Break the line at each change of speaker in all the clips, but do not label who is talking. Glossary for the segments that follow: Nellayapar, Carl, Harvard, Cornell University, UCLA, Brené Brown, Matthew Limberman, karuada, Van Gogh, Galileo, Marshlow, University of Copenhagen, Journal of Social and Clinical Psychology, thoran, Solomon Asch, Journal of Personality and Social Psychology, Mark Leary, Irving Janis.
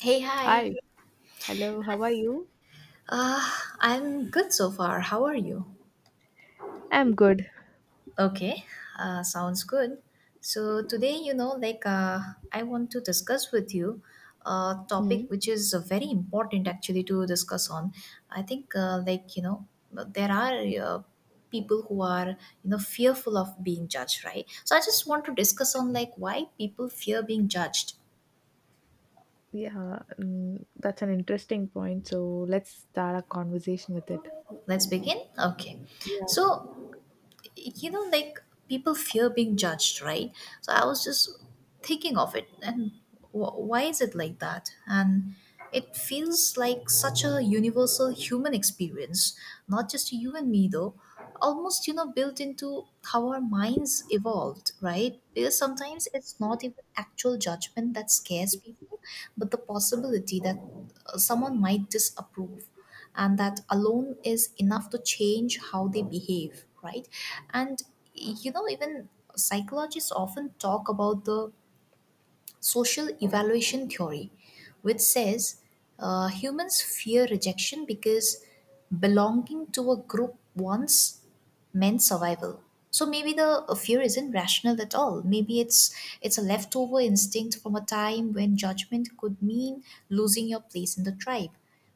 Hey, hi.
Hi, hello, how are you?
Uh, I'm good so far. How are you?
I'm good.
Okay, sounds good. So today, like I want to discuss with you a topic
Mm.
which is very important actually to discuss on. I think, like there are people who are fearful of being judged, right? So I just want to discuss on like why people fear being judged.
Yeah, mm, that's an interesting point. So let's start a conversation with it.
Let's begin. Okay,
Yeah.
so like people fear being judged, right? So I was just thinking of it, and why is it like that, and it feels like such a universal human experience, not just you and me, though almost built into how our minds evolved, right? Because sometimes it's not even actual judgment that scares people, but the possibility that someone might disapprove, and that alone is enough to change how they behave, right? And even psychologists often talk about the social evaluation theory, which says humans fear rejection because belonging to a group once meant survival. So maybe the fear isn't rational at all. Maybe it's a leftover instinct from a time when judgment could mean losing your place in the tribe.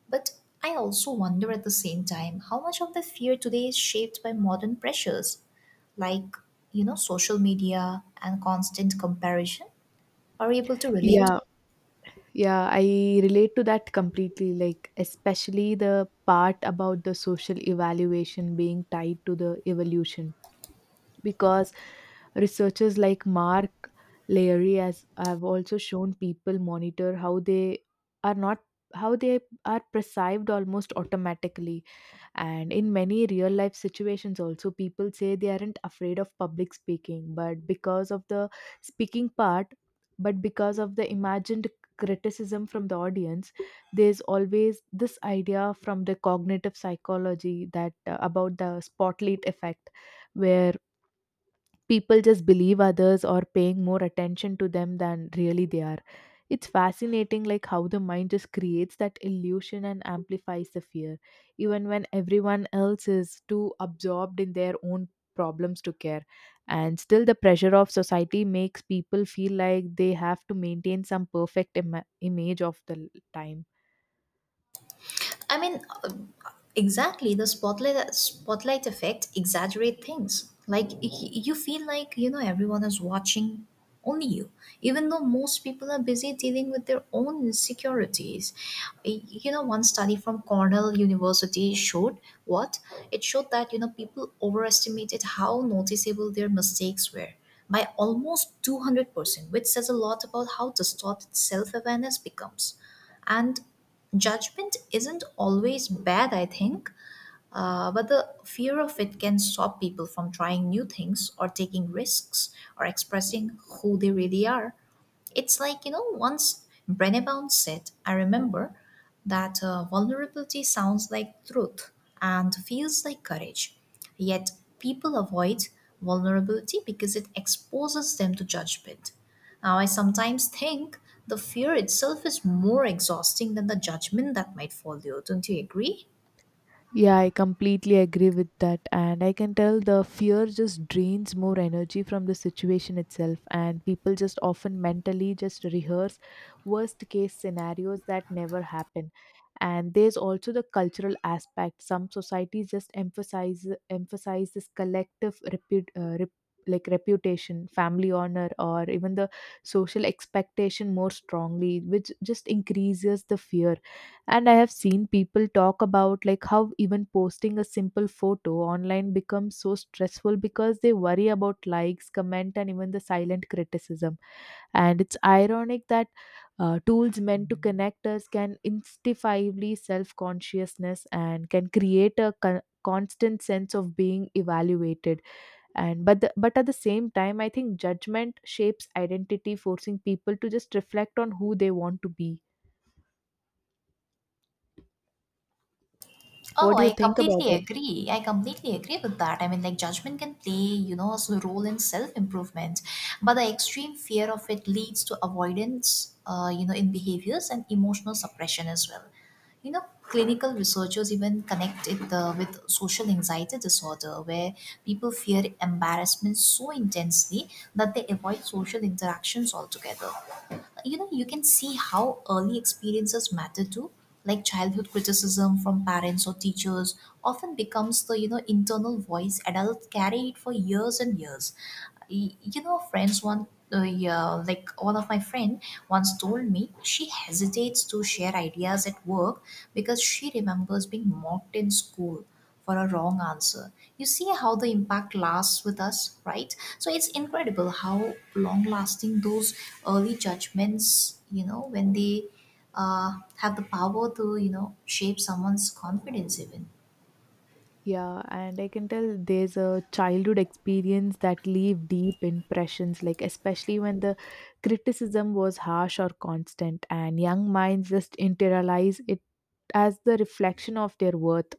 But I also wonder at the same time how much of the fear today is shaped by modern pressures, like social media and constant comparison. Are able to relate?
Yeah, yeah, I relate to that completely. Like, especially the part about the social evaluation being tied to the evolution. Because researchers like Mark Leary has have also shown people monitor how they are not how they are perceived almost automatically. And in many real life situations, also, people say they aren't afraid of public speaking, but because of the speaking part, but because of the imagined criticism from the audience. There's always this idea from the cognitive psychology that about the spotlight effect, where people just believe others or paying more attention to them than really they are. It's fascinating like how the mind just creates that illusion and amplifies the fear, even when everyone else is too absorbed in their own problems to care. And still the pressure of society makes people feel like they have to maintain some perfect image of the time.
I mean, exactly, the spotlight effect exaggerate things. Like you feel like everyone is watching only you, even though most people are busy dealing with their own insecurities. You know, one study from Cornell University showed what it showed that people overestimated how noticeable their mistakes were by almost 200%, which says a lot about how distorted self awareness becomes. And judgment isn't always bad, I think, but the fear of it can stop people from trying new things or taking risks or expressing who they really are. It's like, you know, once Brené Brown said, I remember, that vulnerability sounds like truth and feels like courage. Yet people avoid vulnerability because it exposes them to judgment. Now, I sometimes think the fear itself is more exhausting than the judgment that might follow. Don't you agree?
Yeah, I completely agree with that. And I can tell the fear just drains more energy from the situation itself. And people just often mentally just rehearse worst case scenarios that never happen. And there's also the cultural aspect. Some societies just emphasize this collective like reputation, family honor, or even the social expectation more strongly, which just increases the fear. And I have seen people talk about like how even posting a simple photo online becomes so stressful because they worry about likes, comment, and even the silent criticism. And it's ironic that tools meant to connect us can instinctively self consciousness and can create a constant sense of being evaluated. And but at the same time I think judgment shapes identity, forcing people to just reflect on who they want to be. What
Oh,
do you
I
think about
completely
it?
agree. I completely agree with that. I mean, like, judgment can play a role in self improvement, but the extreme fear of it leads to avoidance, in behaviors and emotional suppression as well. You know, clinical researchers even connect it with social anxiety disorder, where people fear embarrassment so intensely that they avoid social interactions altogether. You can see how early experiences matter too, like childhood criticism from parents or teachers often becomes the internal voice adults carry it for years and years. Y- you know friends one yeah, like one of my friend once told me she hesitates to share ideas at work because she remembers being mocked in school for a wrong answer. You see how the impact lasts with us, right? So it's incredible how long lasting those early judgments, when they have the power to, shape someone's confidence even.
Yeah, and I can tell there's a childhood experience that leave deep impressions, like especially when the criticism was harsh or constant, and young minds just internalize it as the reflection of their worth.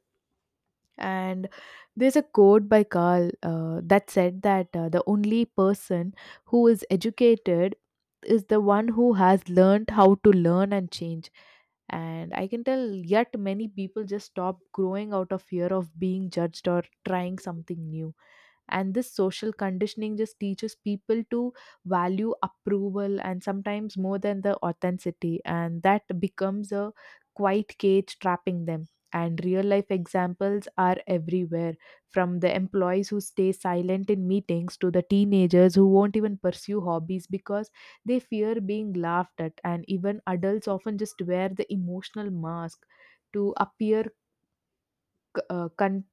And there's a quote by Carl that said that the only person who is educated is the one who has learned how to learn and change. And I can tell, yet many people just stop growing out of fear of being judged or trying something new. And this social conditioning just teaches people to value approval and sometimes more than the authenticity, and that becomes a quiet cage trapping them. And real life examples are everywhere, from the employees who stay silent in meetings to the teenagers who won't even pursue hobbies because they fear being laughed at. And even adults often just wear the emotional mask to appear c- uh, con-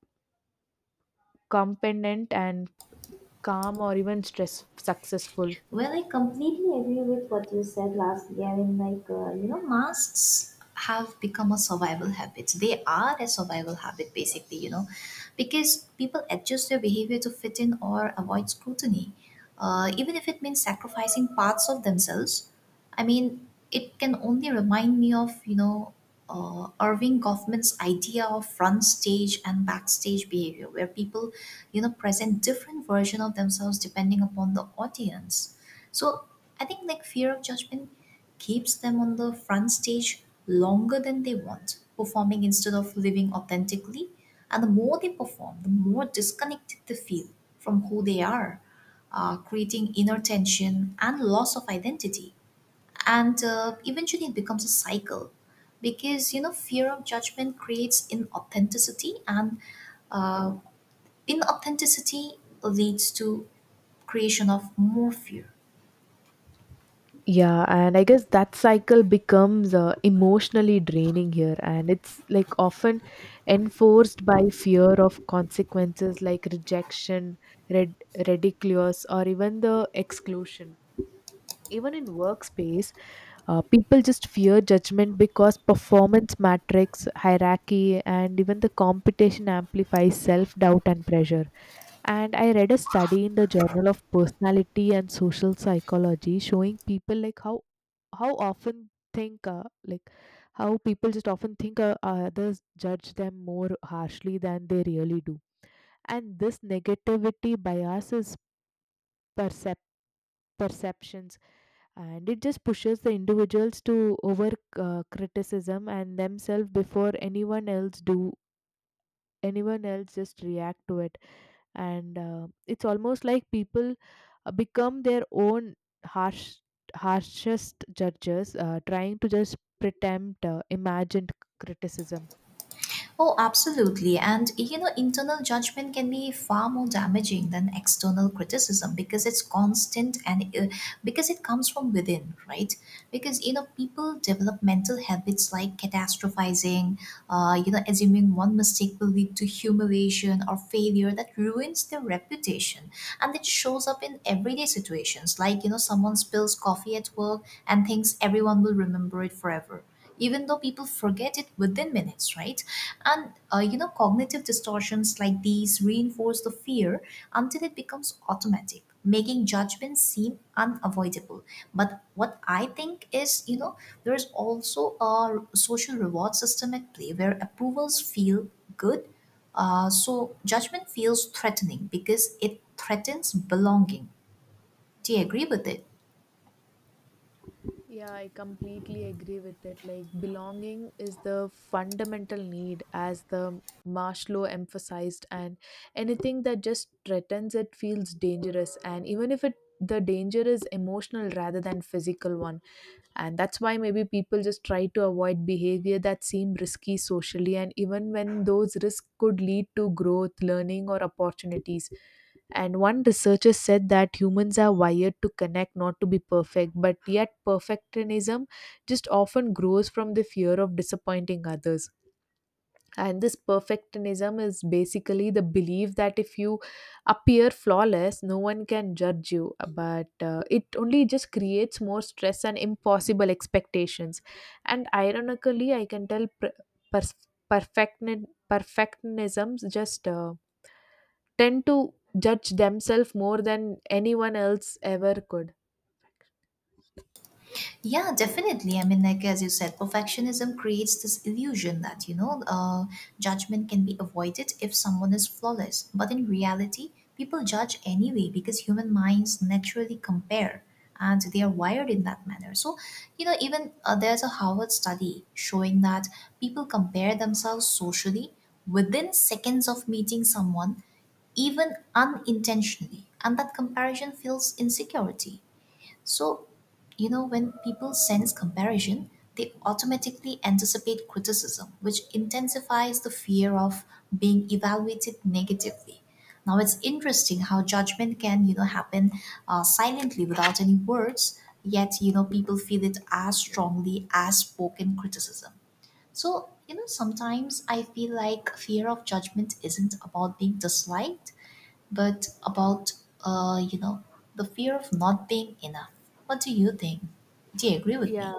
competent and calm or even stress successful.
Well, I completely agree with what you said last year. In like, masks have become a survival habit. They are a survival habit, basically. Because people adjust their behavior to fit in or avoid scrutiny, even if it means sacrificing parts of themselves. I mean, it can only remind me of. Irving Goffman's idea of front stage and backstage behavior, where people present different version of themselves depending upon the audience. So I think like fear of judgment keeps them on the front stage longer than they want, performing instead of living authentically. And the more they perform, the more disconnected they feel from who they are, creating inner tension and loss of identity. And eventually it becomes a cycle because fear of judgment creates inauthenticity, and uh, inauthenticity leads to creation of more fear.
Yeah, and I guess that cycle becomes emotionally draining here, and it's like often enforced by fear of consequences like rejection, red- ridicule, or even the exclusion. Even in workspace, people just fear judgment because performance matrix, hierarchy, and even the competition amplifies self doubt and pressure. And I read a study in the Journal of Personality and Social Psychology showing people like how often think uh, like how people just often think others judge them more harshly than they really do. And this negativity biases percep- perceptions, and it just pushes the individuals to over criticism and themselves before anyone else do, anyone else just react to it. And it's almost like people become their own harsh harshest judges, trying to just pretend imagined criticism.
Oh, absolutely. And internal judgment can be far more damaging than external criticism because it's constant and because it comes from within, right? Because you know, people develop mental habits like catastrophizing, assuming one mistake will lead to humiliation or failure that ruins their reputation, and it shows up in everyday situations. Like someone spills coffee at work and thinks everyone will remember it forever, even though people forget it within minutes, right? And cognitive distortions like these reinforce the fear until it becomes automatic, making judgments seem unavoidable. But what I think is there is also a social reward system at play where approvals feel good. So judgment feels threatening because it threatens belonging. Do you agree with it?
Yeah, I completely agree with it. Like, belonging is the fundamental need, as the Marshlow emphasized, and anything that just threatens it feels dangerous. And even if it the danger is emotional rather than physical one, and that's why maybe people just try to avoid behavior that seem risky socially, and even when those risks could lead to growth learning or opportunities. And one researcher said that humans are wired to connect not to be perfect, but yet perfectionism just often grows from the fear of disappointing others. And this perfectionism is basically the belief that if you appear flawless, no one can judge you. But it only just creates more stress and impossible expectations. And ironically, I can tell perfectionisms just tend to judge themselves more than anyone else ever could.
Yeah, definitely. I mean, like as you said, perfectionism creates this illusion that judgment can be avoided if someone is flawless. But in reality, people judge anyway because human minds naturally compare and they are wired in that manner. So, even there's a Harvard study showing that people compare themselves socially within seconds of meeting someone, even unintentionally. And that comparison feels insecurity. So, when people sense comparison, they automatically anticipate criticism, which intensifies the fear of being evaluated negatively. Now, it's interesting how judgment can happen silently without any words, yet, people feel it as strongly as spoken criticism. So, sometimes I feel like fear of judgment isn't about being disliked but about uh, you know the fear of not being enough. What do you think? Do you agree with
Yeah.
me?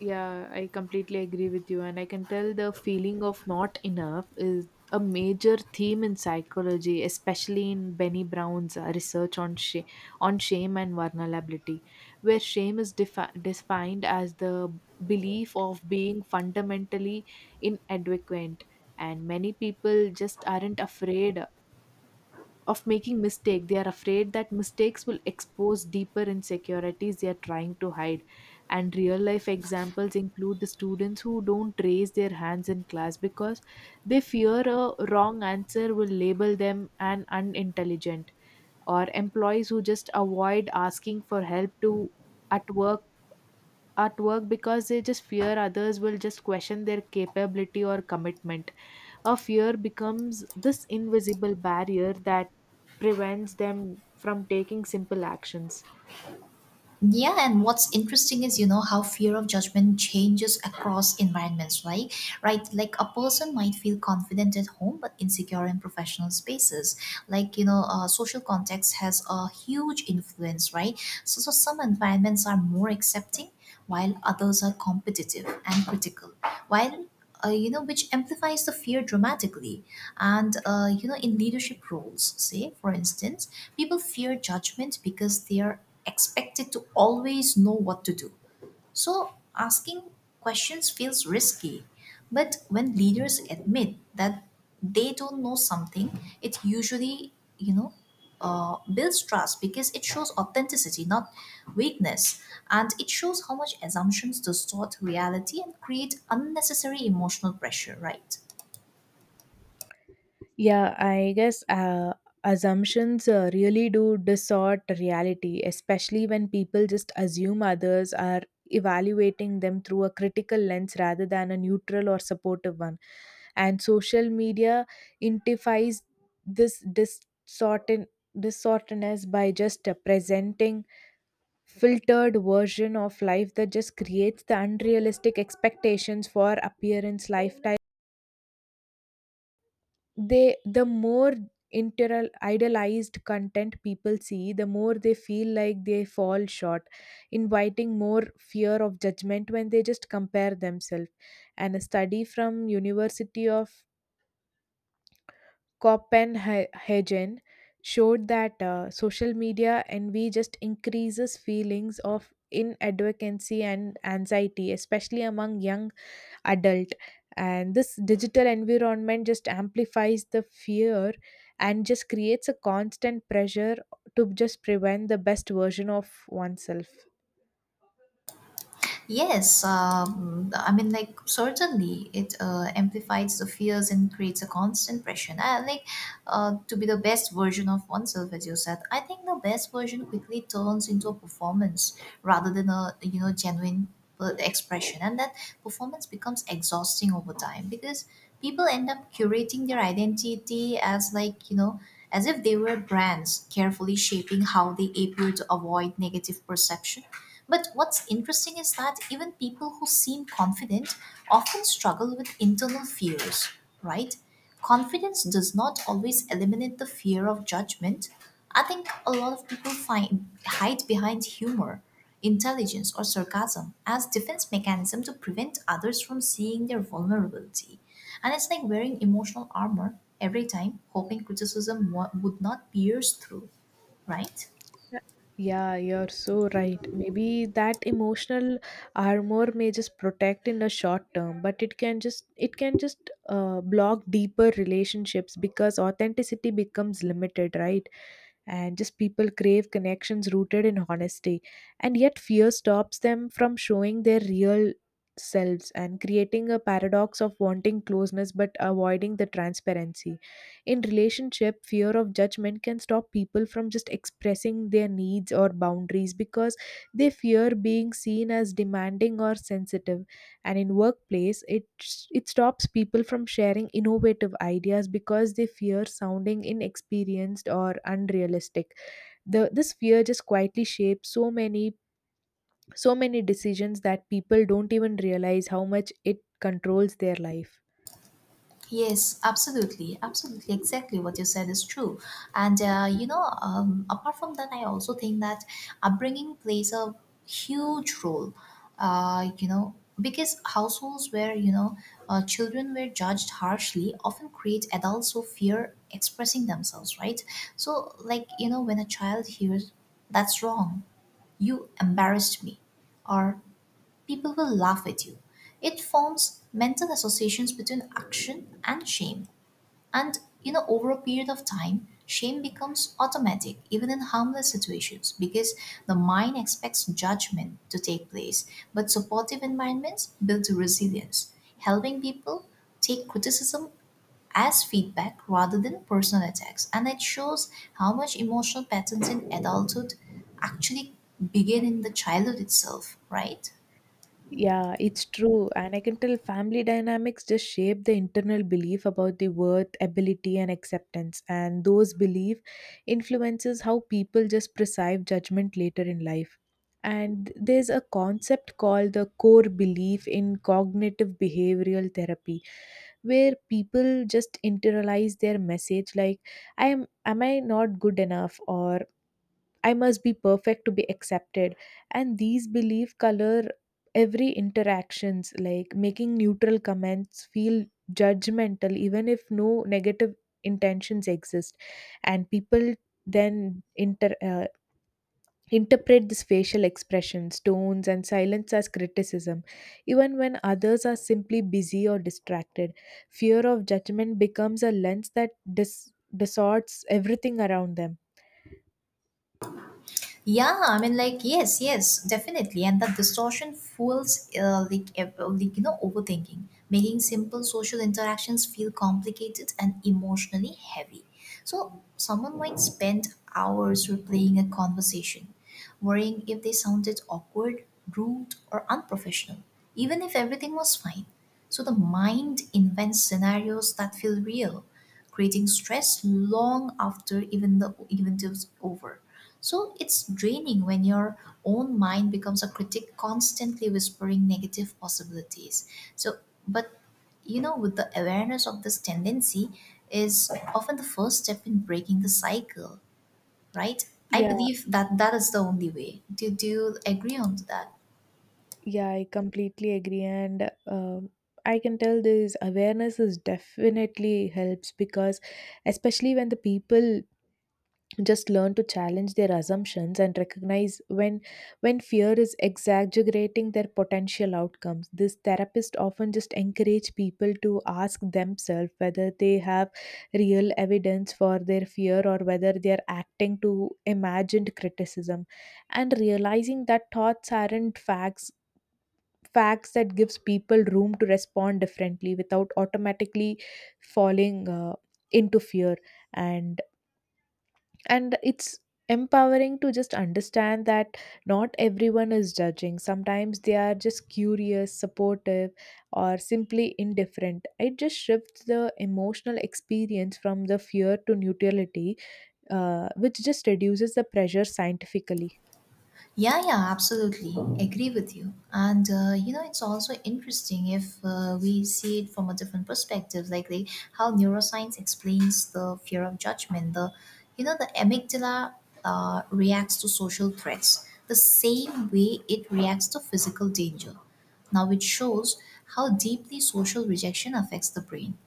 Yeah, I completely agree with you. And I can tell the feeling of not enough is a major theme in psychology, especially in Benny Brown's research on, on shame and vulnerability, where shame is defined as the belief of being fundamentally inadequate. And many people just aren't afraid of making mistake, they are afraid that mistakes will expose deeper insecurities they are trying to hide. And real life examples include the students who don't raise their hands in class because they fear a wrong answer will label them an unintelligent, or employees who just avoid asking for help to at work at work because they just fear others will just question their capability or commitment. A fear becomes this invisible barrier that prevents them from taking simple actions.
Yeah, and what's interesting is how fear of judgment changes across environments, right. Like a person might feel confident at home but insecure in professional spaces. Like social context has a huge influence, right? So some environments are more accepting, while others are competitive and critical, while which amplifies the fear dramatically. And in leadership roles, say for instance, people fear judgment because they are expected to always know what to do, so asking questions feels risky. But when leaders admit that they don't know something, it usually you know builds trust because it shows authenticity, not weakness. And it shows how much assumptions distort reality and create unnecessary emotional pressure, right?
Yeah, I guess assumptions really do distort reality, especially when people just assume others are evaluating them through a critical lens rather than a neutral or supportive one. And social media intensifies this distortedness by just presenting filtered version of life that just creates the unrealistic expectations for appearance lifestyle. They the more inter idealized content people see, the more they feel like they fall short, inviting more fear of judgment when they just compare themselves. And a study from university of Copenhagen showed that social media envy just increases feelings of inadvocacy and anxiety, especially among young adult. And this digital environment just amplifies the fear and just creates a constant pressure to just prevent the best version of oneself.
Yes, I mean, like certainly it amplifies the fears and creates a constant pressure. And like to be the best version of oneself, as you said, I think the best version quickly turns into a performance rather than a genuine expression, and that performance becomes exhausting over time because people end up curating their identity as like as if they were brands, carefully shaping how they appear to avoid negative perception. But what's interesting is that even people who seem confident often struggle with internal fears, right? Confidence does not always eliminate the fear of judgment. I think a lot of people find hide behind humor, intelligence, or sarcasm as defense mechanism to prevent others from seeing their vulnerability. And it's like wearing emotional armor every time, hoping criticism would not pierce through, right?
Yeah, you're so right. Maybe that emotional armor may just protect in the short term, but it can just block deeper relationships because authenticity becomes limited, right? And just people crave connections rooted in honesty, and yet fear stops them from showing their real selves and creating a paradox of wanting closeness but avoiding the transparency. In relationship, fear of judgment can stop people from just expressing their needs or boundaries because they fear being seen as demanding or sensitive. And in workplace, it stops people from sharing innovative ideas because they fear sounding inexperienced or unrealistic. The This fear just quietly shapes so many decisions that people don't even realize how much it controls their life.
Yes, absolutely, absolutely, exactly what you said is true. And apart from that, I also think that upbringing plays a huge role. Uh, you know, because households where children were judged harshly often create adults who fear expressing themselves, right? So, like when a child hears, "That's wrong," you embarrassed me, or people will laugh at you. It forms mental associations between action and shame. And over a period of time, shame becomes automatic, even in harmless situations, because the mind expects judgment to take place. But supportive environments build resilience, helping people take criticism as feedback rather than personal attacks. And it shows how much emotional patterns in adulthood actually begin in the childhood itself, right?
Yeah, it's true. And I can tell family dynamics just shape the internal belief about the worth, ability, and acceptance. And those belief influences how people just perceive judgment later in life. And there's a concept called the core belief in cognitive behavioral therapy, where people just internalize their message like, I am I not good enough? Or I must be perfect to be accepted. And these belief color every interactions, like making neutral comments feel judgmental, even if no negative intentions exist. And people then interpret these facial expressions, tones, and silence as criticism, even when others are simply busy or distracted. Fear of judgment becomes a lens that distorts everything around them.
Yeah, I mean, like, yes, yes, definitely. And that distortion fuels, like, overthinking, making simple social interactions feel complicated and emotionally heavy. So, someone might spend hours replaying a conversation, worrying if they sounded awkward, rude, or unprofessional, even if everything was fine. So, the mind invents scenarios that feel real, creating stress long after even the event is over. So it's draining when your own mind becomes a critic constantly whispering negative possibilities. So but with the awareness of this tendency is often the first step in breaking the cycle, right? I
Yeah.
believe that that is the only way. Do you agree on to that?
Yeah, I completely agree, and um, I can tell this awareness is definitely helps because, especially when the people just learn to challenge their assumptions and recognize when fear is exaggerating their potential outcomes. This therapist often just encourage people to ask themselves whether they have real evidence for their fear or whether they are acting to imagined criticism, and realizing that thoughts aren't facts that gives people room to respond differently without automatically falling into fear. And and it's empowering to just understand that not everyone is judging, sometimes they are just curious supportive or simply indifferent. It just shifts the emotional experience from the fear to neutrality, which just reduces the pressure scientifically.
Yeah, yeah, absolutely. Agree with you. And, you know, it's also interesting if we see it from a different perspective, like how neuroscience explains the fear of judgment. The amygdala reacts to social threats the same way it reacts to physical danger. Now, it shows how deeply social rejection affects the brain.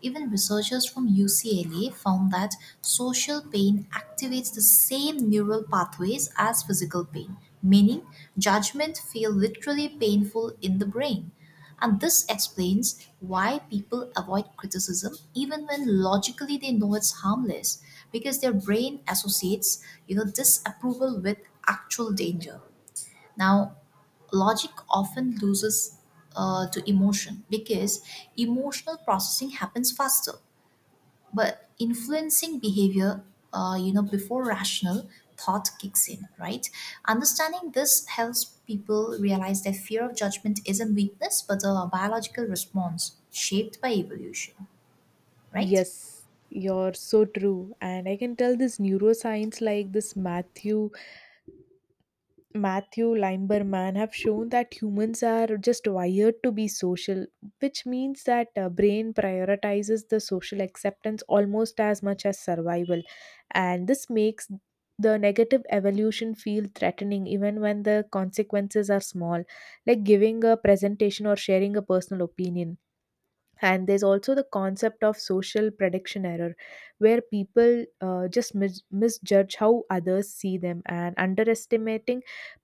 Even researchers from UCLA found that social pain activates the same neural pathways as physical pain, meaning judgment feels literally painful in the brain. And this explains why people avoid criticism even when logically they know it's harmless because their brain associates, you know, disapproval with actual danger. Now, logic often loses to emotion because emotional processing happens faster, but influencing behavior, before rational thought kicks in, right? Understanding this helps people realize that fear of judgment isn't weakness but a biological response shaped by evolution, right?
Yes, you're so true. And I can tell this neuroscience like this Matthew Limberman have shown that humans are just wired to be social, which means that brain prioritizes the social acceptance almost as much as survival. And this makes the negative evolution feel threatening even when the consequences are small, like giving a presentation or sharing a personal opinion. And there's also the concept of social prediction error where people just misjudge how others see them and underestimating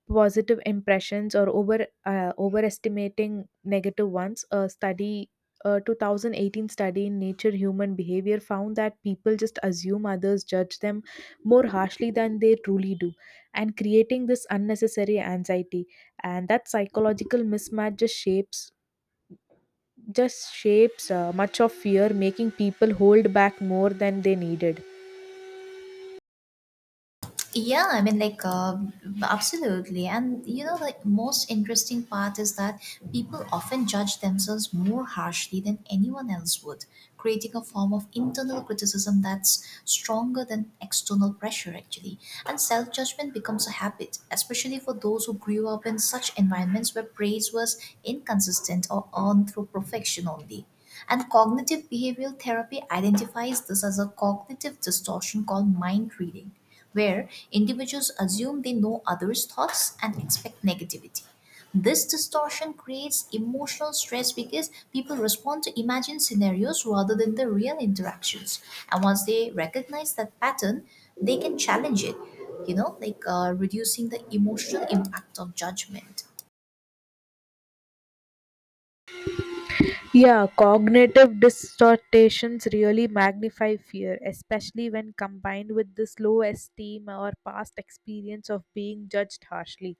positive impressions or overestimating negative ones. A 2018 study in Nature Human Behavior found that people just assume others judge them more harshly than they truly do and creating this unnecessary anxiety. And that psychological mismatch just shapes much of fear, making people hold back more than they needed.
Yeah, I mean, like, absolutely. And you know, the most interesting part is that people often judge themselves more harshly than anyone else would, creating a form of internal criticism that's stronger than external pressure, actually. And self judgment becomes a habit, especially for those who grew up in such environments where praise was inconsistent or earned through perfection only. And cognitive behavioral therapy identifies this as a cognitive distortion called mind reading where individuals assume they know others' thoughts and expect negativity. This distortion creates emotional stress because people respond to imagined scenarios rather than the real interactions. And once they recognize that pattern, they can challenge it, you know, like reducing the emotional impact of judgment.
Yeah, cognitive distortions really magnify fear, especially when combined with this low esteem or past experience of being judged harshly.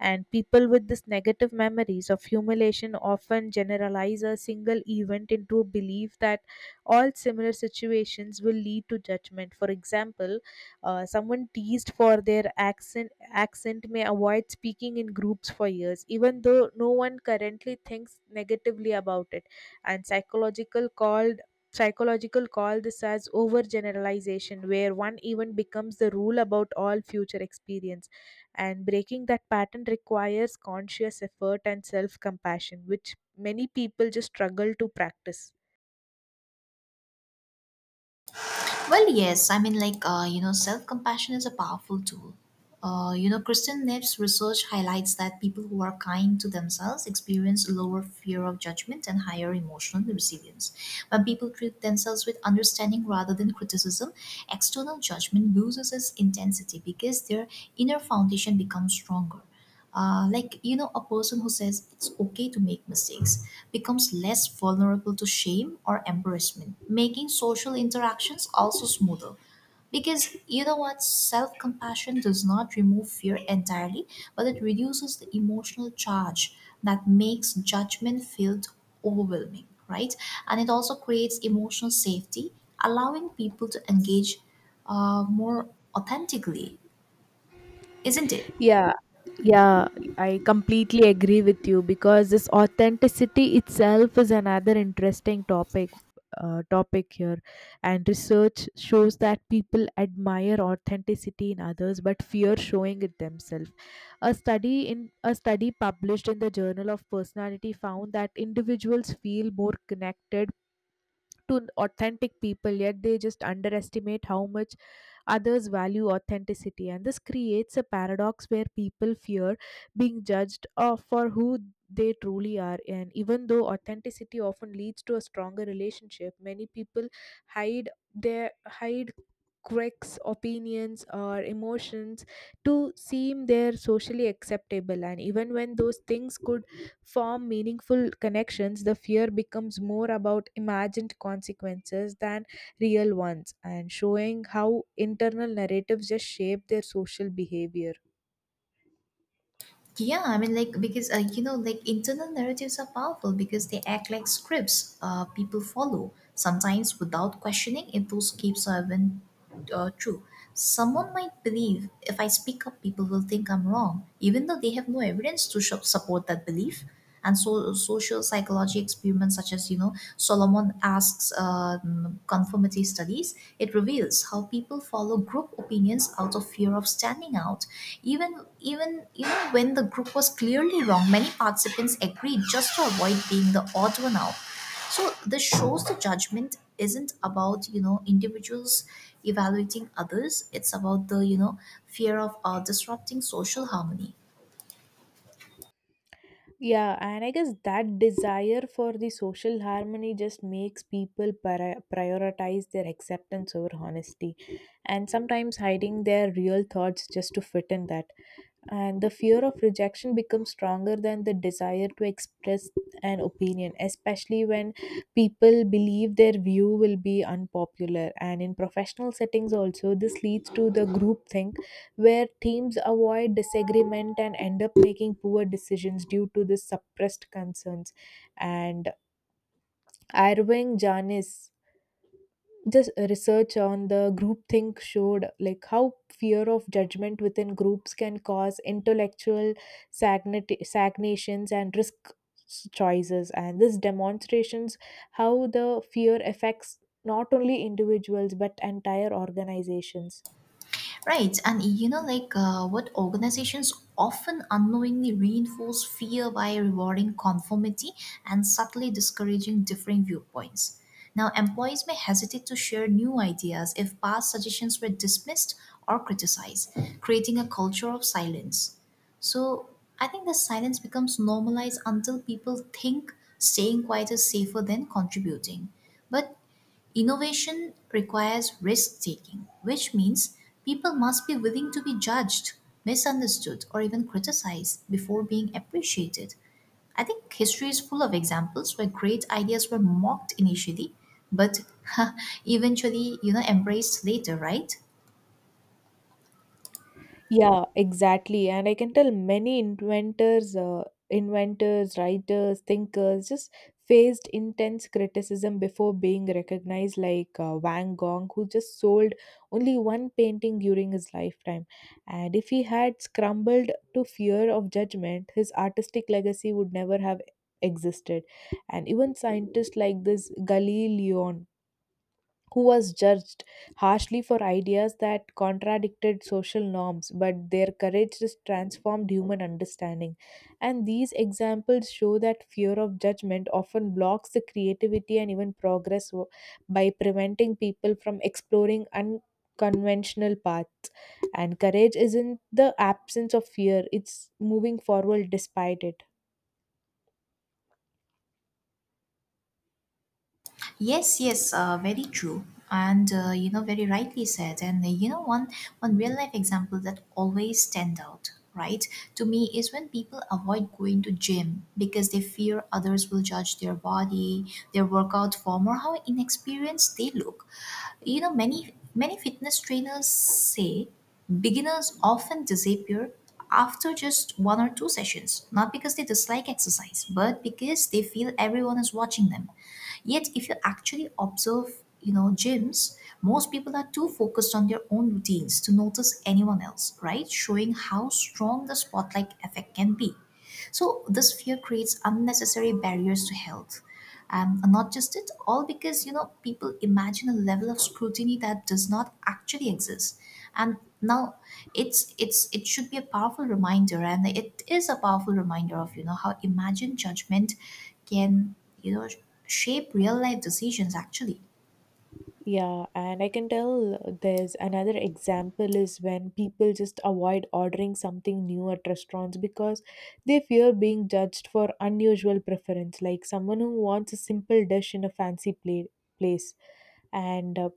And people with this negative memories of humiliation often generalize a single event into a belief that all similar situations will lead to judgment. For example, someone teased for their accent may avoid speaking in groups for years, even though no one currently thinks negatively about it. And psychological call this as overgeneralization where one event becomes the rule about all future experience. And breaking that pattern requires conscious effort and self compassion which many people just struggle to practice.
Well, yes. I mean, like, you know, self compassion is a powerful tool. You know, Kristen Neff's research highlights that people who are kind to themselves experience lower fear of judgment and higher emotional resilience. When people treat themselves with understanding rather than criticism, external judgment loses its intensity because their inner foundation becomes stronger. Like you know a person who says it's okay to make mistakes becomes less vulnerable to shame or embarrassment making social interactions also smoother because you know what self-compassion does not remove fear entirely but it reduces the emotional charge that makes judgment feel overwhelming, right? And it also creates emotional safety allowing people to engage more authentically, isn't it?
Yeah, Yeah, I completely agree with you because this authenticity itself is another interesting topic here. And research shows that people admire authenticity in others but fear showing it themselves. A study in a study published in the Journal of Personality found that individuals feel more connected to authentic people yet they just underestimate how much others value authenticity. And this creates a paradox where people fear being judged for who they truly are. And even though authenticity often leads to a stronger relationship, many people hide quirks, opinions, or emotions to seem they're socially acceptable. And even when those things could form meaningful connections, the fear becomes more about imagined consequences than real ones, and showing how internal narratives just shape their social behavior.
Yeah, I mean, like, because, you know, like, internal narratives are powerful because they act like scripts people follow, sometimes without questioning if those scripts are even true. Someone might believe if I speak up, people will think I'm wrong, even though they have no evidence to support that belief. And so, social psychology experiments such as, you know, Solomon asks conformity studies, it reveals how people follow group opinions out of fear of standing out even you know when the group was clearly wrong, many participants agreed just to avoid being the odd one out. So this shows the judgment isn't about you know individuals evaluating others. It's about the you know fear of disrupting social harmony.
Yeah, and I guess that desire for the social harmony just makes people prioritize their acceptance over honesty, and sometimes hiding their real thoughts just to fit in that. And the fear of rejection becomes stronger than the desire to express an opinion, especially when people believe their view will be unpopular. And in professional settings also, this leads to the group think where teams avoid disagreement and end up making poor decisions due to the suppressed concerns. And Irving Janis just a research on the groupthink showed like how fear of judgment within groups can cause intellectual stagnations and choices. And this demonstrations how the fear affects not only individuals but entire organizations.
Right, and you know, like what organizations often unknowingly reinforce fear by rewarding conformity and subtly discouraging differing viewpoints. Now, employees may hesitate to share new ideas if past suggestions were dismissed or criticized, creating a culture of silence. So, I think the silence becomes normalized until people think staying quiet is safer than contributing. But innovation requires risk taking, which means people must be willing to be judged, misunderstood, or even criticized before being appreciated. I think history is full of examples where great ideas were mocked initially, but eventually, you know, embraced later, right?
Yeah, exactly. And I can tell many inventors, writers, thinkers just faced intense criticism before being recognized, like Van Gogh, who just sold only one painting during his lifetime. And if he had scrambled to fear of judgment, his artistic legacy would never have existed. And even scientists like this Galileo, who was judged harshly for ideas that contradicted social norms, but their courage just transformed human understanding. And these examples show that fear of judgment often blocks the creativity and even progress by preventing people from exploring unconventional paths. And courage isn't the absence of fear, it's moving forward despite it.
Yes, yes, very true, and you know, very rightly said. And you know, one real life example that always stand out, right, to me is when people avoid going to gym because they fear others will judge their body, their workout form, or how inexperienced they look. You know, many fitness trainers say beginners often disappear after just one or two sessions, not because they dislike exercise, but because they feel everyone is watching them. Yet, if you actually observe, you know, gyms, most people are too focused on their own routines to notice anyone else, right? Showing how strong the spotlight effect can be. So, this fear creates unnecessary barriers to health, and not just it all because you know people imagine a level of scrutiny that does not actually exist, and now it's it should be a powerful reminder and it is a powerful reminder of you know how imagined judgment can you know shape real life decisions actually.
Yeah, and I can tell there's another example is when people just avoid ordering something new at restaurants because they fear being judged for unusual preference, like someone who wants a simple dish in a fancy place. And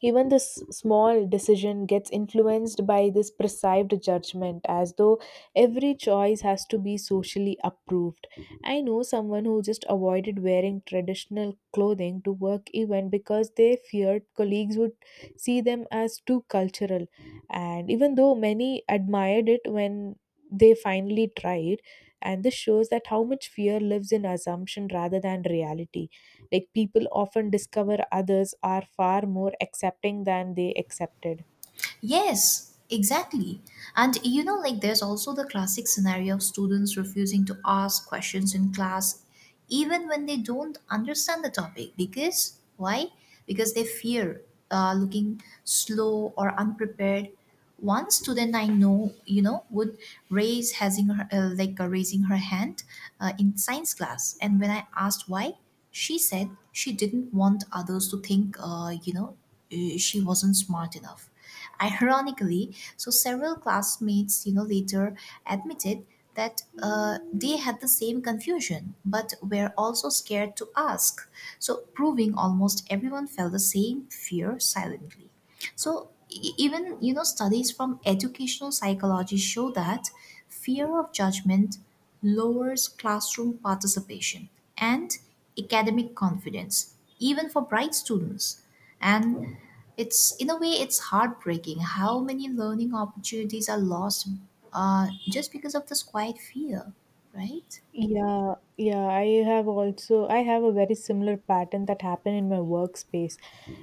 even this small decision gets influenced by this perceived judgment, as though every choice has to be socially approved. I know someone who just avoided wearing traditional clothing to work even because they feared colleagues would see them as too cultural. And even though many admired it when they finally tried, and this shows that how much fear lives in assumption rather than reality, like people often discover others are far more accepting than they accepted.
Yes, exactly. And you know, like there's also the classic scenario of students refusing to ask questions in class, even when they don't understand the topic. Because why? Because they fear looking slow or unprepared. One student I know, you know, would raise having her, like raising her hand in science class, and when I asked why, she said she didn't want others to think, she wasn't smart enough. Ironically, so several classmates, you know, later admitted that they had the same confusion, but were also scared to ask. So, proving almost everyone felt the same fear silently. So even you know studies from educational psychology show that fear of judgment lowers classroom participation and academic confidence even for bright students, and it's in a way it's heartbreaking how many learning opportunities are lost just because of this quiet fear, right?
Yeah, I have a very similar pattern that happened in my workspace.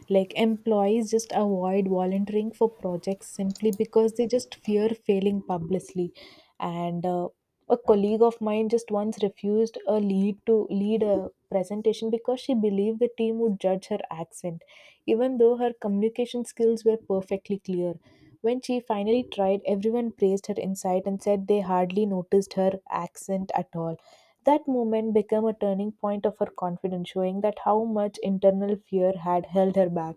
Like employees just avoid volunteering for projects simply because they just fear failing publicly. And a colleague of mine just once refused a lead to lead a presentation because she believed the team would judge her accent, even though her communication skills were perfectly clear. When she finally tried, everyone praised her insight and said they hardly noticed her accent at all. That moment became a turning point of her confidence, showing that how much internal fear had held her back.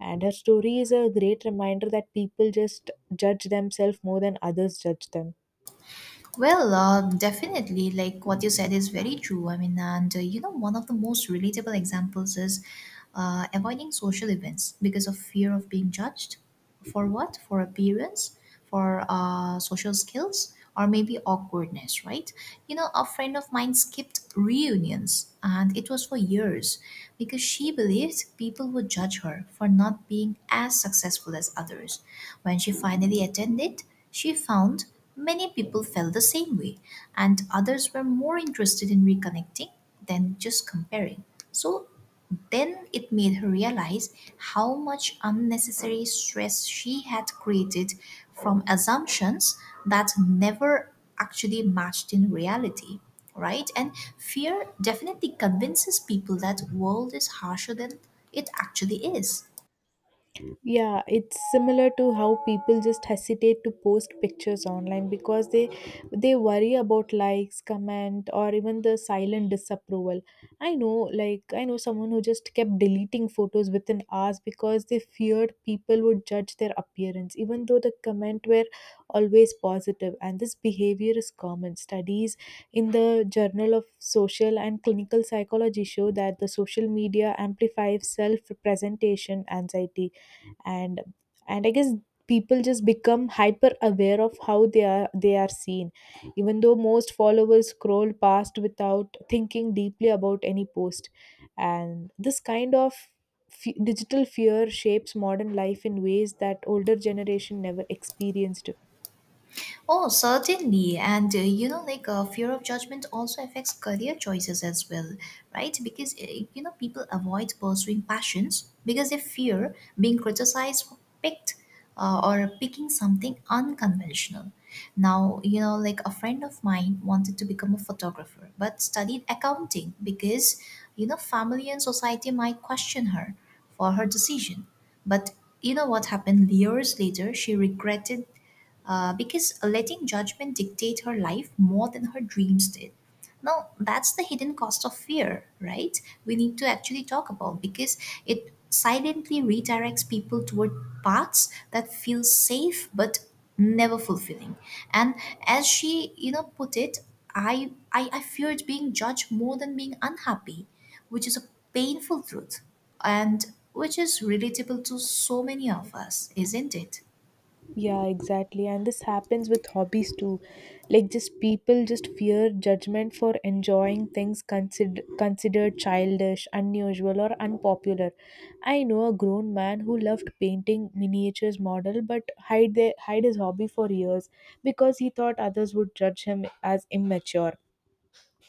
And her story is a great reminder that people just judge themselves more than others judge them.
Well, definitely, like what you said is very true. I mean, and you know, one of the most relatable examples is avoiding social events because of fear of being judged. For what? For appearance, for social skills, or maybe awkwardness, right? You know, a friend of mine skipped reunions and it was for years because she believed people would judge her for not being as successful as others. When she finally attended, she found many people felt the same way, and others were more interested in reconnecting than just comparing. So then it made her realize how much unnecessary stress she had created from assumptions that never actually matched in reality, right? And fear definitely convinces people that world is harsher than it actually is.
Yeah, it's similar to how people just hesitate to post pictures online because they worry about likes, comment, or even the silent disapproval. I know, I know someone who just kept deleting photos within hours because they feared people would judge their appearance, even though the comment were always positive. And this behavior is common. Studies in the Journal of Social and Clinical Psychology show that the social media amplifies self-representation anxiety. And and i guess people just become hyper aware of how they are seen, even though most followers scroll past without thinking deeply about any post. And this kind of digital fear shapes modern life in ways that older generation never experienced.
Oh, certainly. And you know, like fear of judgment also affects career choices as well, right? Because you know, people avoid pursuing passions because they fear being criticized for picked or picking something unconventional. Now, you know, like a friend of mine wanted to become a photographer but studied accounting because, you know, family and society might question her for her decision. But you know what happened? Years later, she regretted because letting judgment dictate her life more than her dreams did. Now, that's the hidden cost of fear, right? We need to actually talk about because it silently redirects people toward paths that feel safe but never fulfilling. And as she, you know, put it, I feared being judged more than being unhappy, which is a painful truth and which is relatable to so many of us, isn't it?
Yeah, exactly. And this happens with hobbies too. Like just people just fear judgment for enjoying things considered childish, unusual or unpopular. I know a grown man who loved painting miniatures model but hide his hobby for years because he thought others would judge him as immature.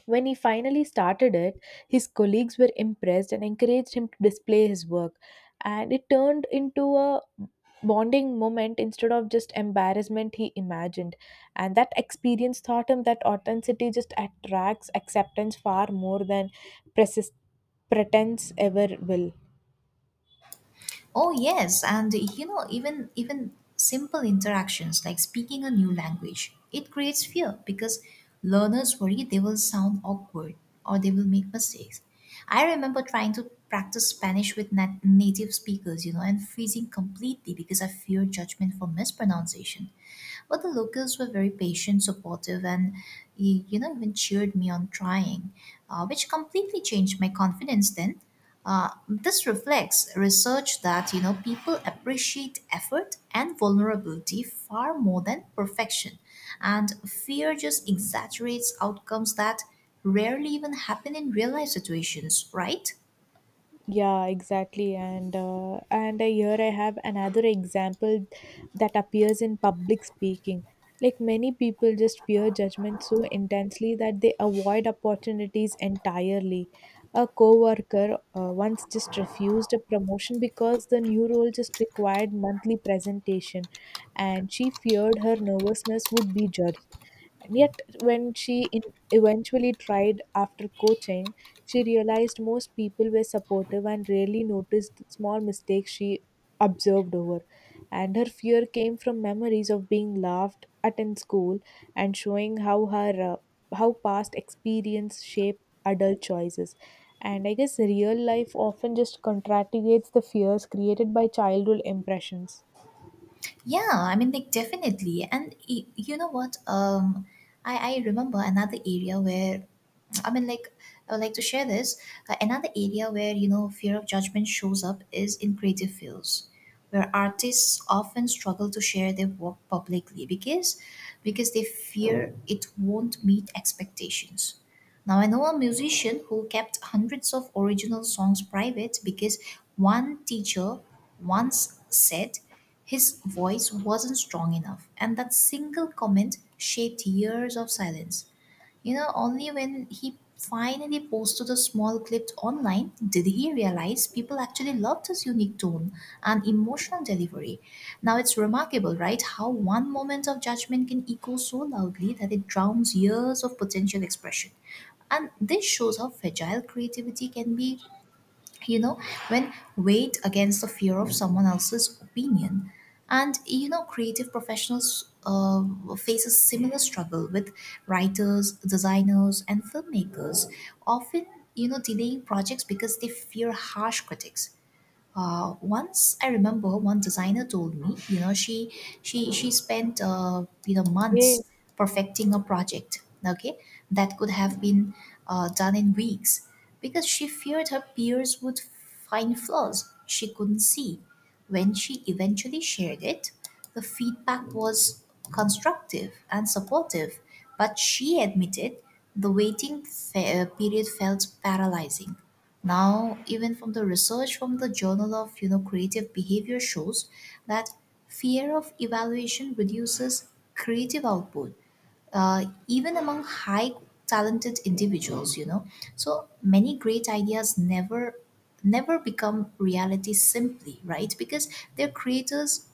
When he finally started it, his colleagues were impressed and encouraged him to display his work. And it turned into a bonding moment instead of just embarrassment he imagined. And that experience taught him that authenticity just attracts acceptance far more than presis- pretense ever will.
Oh yes, and you know even simple interactions like speaking a new language, it creates fear because learners worry they will sound awkward or they will make mistakes. I remember trying to practice Spanish with native speakers, you know, and freezing completely because I fear judgment for mispronunciation. But the locals were very patient, supportive, and you know even cheered me on trying, which completely changed my confidence. Then, this reflects research that you know people appreciate effort and vulnerability far more than perfection, and fear just exaggerates outcomes that rarely even happen in real life situations, right?
Yeah, exactly. And here I have another example that appears in public speaking. Like many people just fear judgment so intensely that they avoid opportunities entirely. A coworker once just refused a promotion because the new role just required monthly presentation and she feared her nervousness would be judged. And yet when she eventually tried after coaching, she realized most people were supportive and rarely noticed small mistakes she observed over. And her fear came from memories of being laughed at in school and showing how her how past experience shape adult choices. And I guess real life often just contradicts the fears created by childhood impressions.
Yeah, I mean, like definitely. And you know what? I remember another area where I mean, like, I would like to share this. Another area where, you know, fear of judgment shows up is in creative fields, where artists often struggle to share their work publicly because they fear it won't meet expectations. Now, I know a musician who kept hundreds of original songs private because one teacher once said his voice wasn't strong enough, and that single comment shaped years of silence. You know, only when he finally posted the small clips online did he realize people actually loved his unique tone and emotional delivery. Now it's remarkable, right? How one moment of judgment can echo so loudly that it drowns years of potential expression. And this shows how fragile creativity can be you know when weighed against the fear of someone else's opinion, and you know creative professionals face a similar struggle with writers designers and filmmakers often you know delaying projects because they fear harsh critics. Once I remember one designer told me, you know, she spent you know
Yeah,
months perfecting a project. Okay, that could have been done in weeks because she feared her peers would find flaws she couldn't see. When she eventually shared it, the feedback was constructive and supportive, but she admitted the waiting period felt paralyzing. Now, even from the research from the Journal of you know Creative Behavior shows that fear of evaluation reduces creative output, even among high talented individuals. You know, so many great ideas never become reality simply right because their creators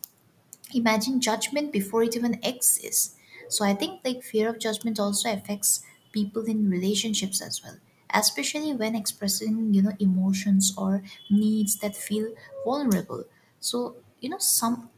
imagine judgment before it even exists, so I think like fear of judgment also affects people in relationships as well, especially when expressing you know emotions or needs that feel vulnerable, so you know some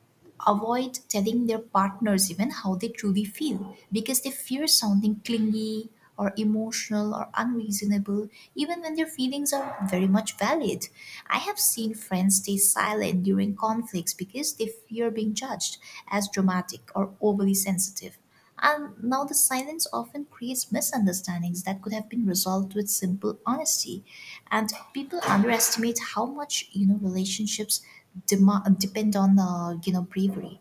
avoid telling their partners even how they truly feel because they fear sounding clingy or emotional or unreasonable, even when their feelings are very much valid. I have seen friends stay silent during conflicts because they fear being judged as dramatic or overly sensitive. And now the silence often creates misunderstandings that could have been resolved with simple honesty. And people underestimate how much you know relationships depend on you know bravery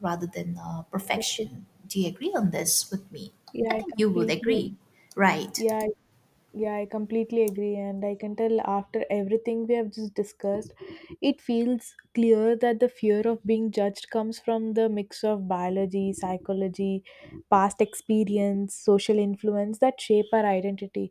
rather than
exactly.
perfection. Do you agree on this with me?
Yeah,
I
I
think you would
completely. ag-
agree, right?
Yeah, I Yeah, I completely agree. And I can tell after everything we have just discussed, it feels clear that the fear of being judged comes from the mix of biology, psychology, past experience, social influence that shape our identity.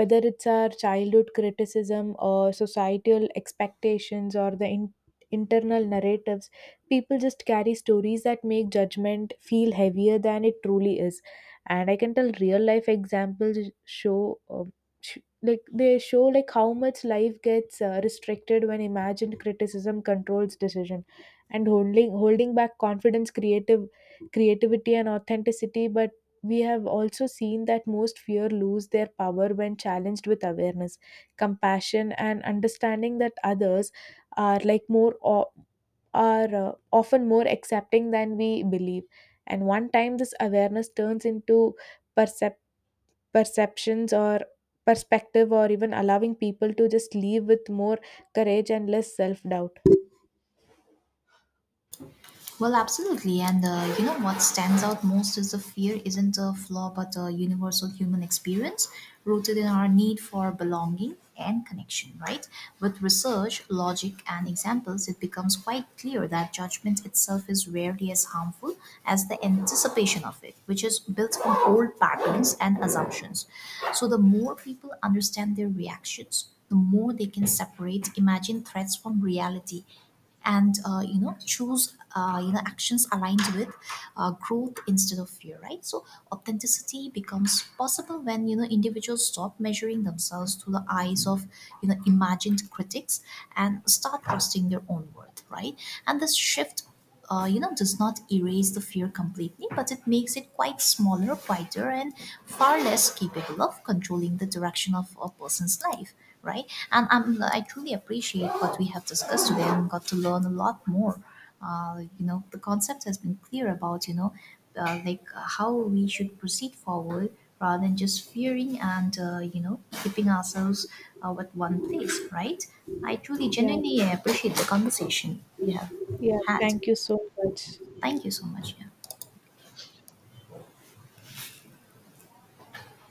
Whether it's our childhood criticism or societal expectations or the internal narratives, people just carry stories that make judgment feel heavier than it truly is. And I can tell real life examples show. um like they show like how much life gets restricted when imagined criticism controls decision and holding back confidence, creative creativity and authenticity. But we have also seen that most fear lose their power when challenged with awareness, compassion and understanding that others are like more o- are often more accepting than we believe. And one time this awareness turns into perception perceptions or perspective or even allowing people to just leave with more courage and less self doubt.
Well, absolutely. And you know what stands out most is the fear isn't a flaw but a universal human experience rooted in our need for belonging and connection, right? With research, logic, and examples, it becomes quite clear that judgment itself is rarely as harmful as the anticipation of it, which is built on old patterns and assumptions. So, the more people understand their reactions, the more they can separate imagined threats from reality, and you know choose you know actions aligned with growth instead of fear, right? So authenticity becomes possible when you know individuals stop measuring themselves through the eyes of you know imagined critics and start trusting their own worth, right? And this shift you know does not erase the fear completely but it makes it quite smaller, quieter, and far less capable of controlling the direction of a person's life, right? And I truly appreciate what we have discussed today and got to learn a lot more. You know the concept has been clear about you know how we should proceed forward rather than just fearing and you know keeping ourselves at one place, right? I truly
Yeah,
genuinely appreciate the conversation we have
yeah.
had.
Thank you so much.
Thank you so much. Yeah.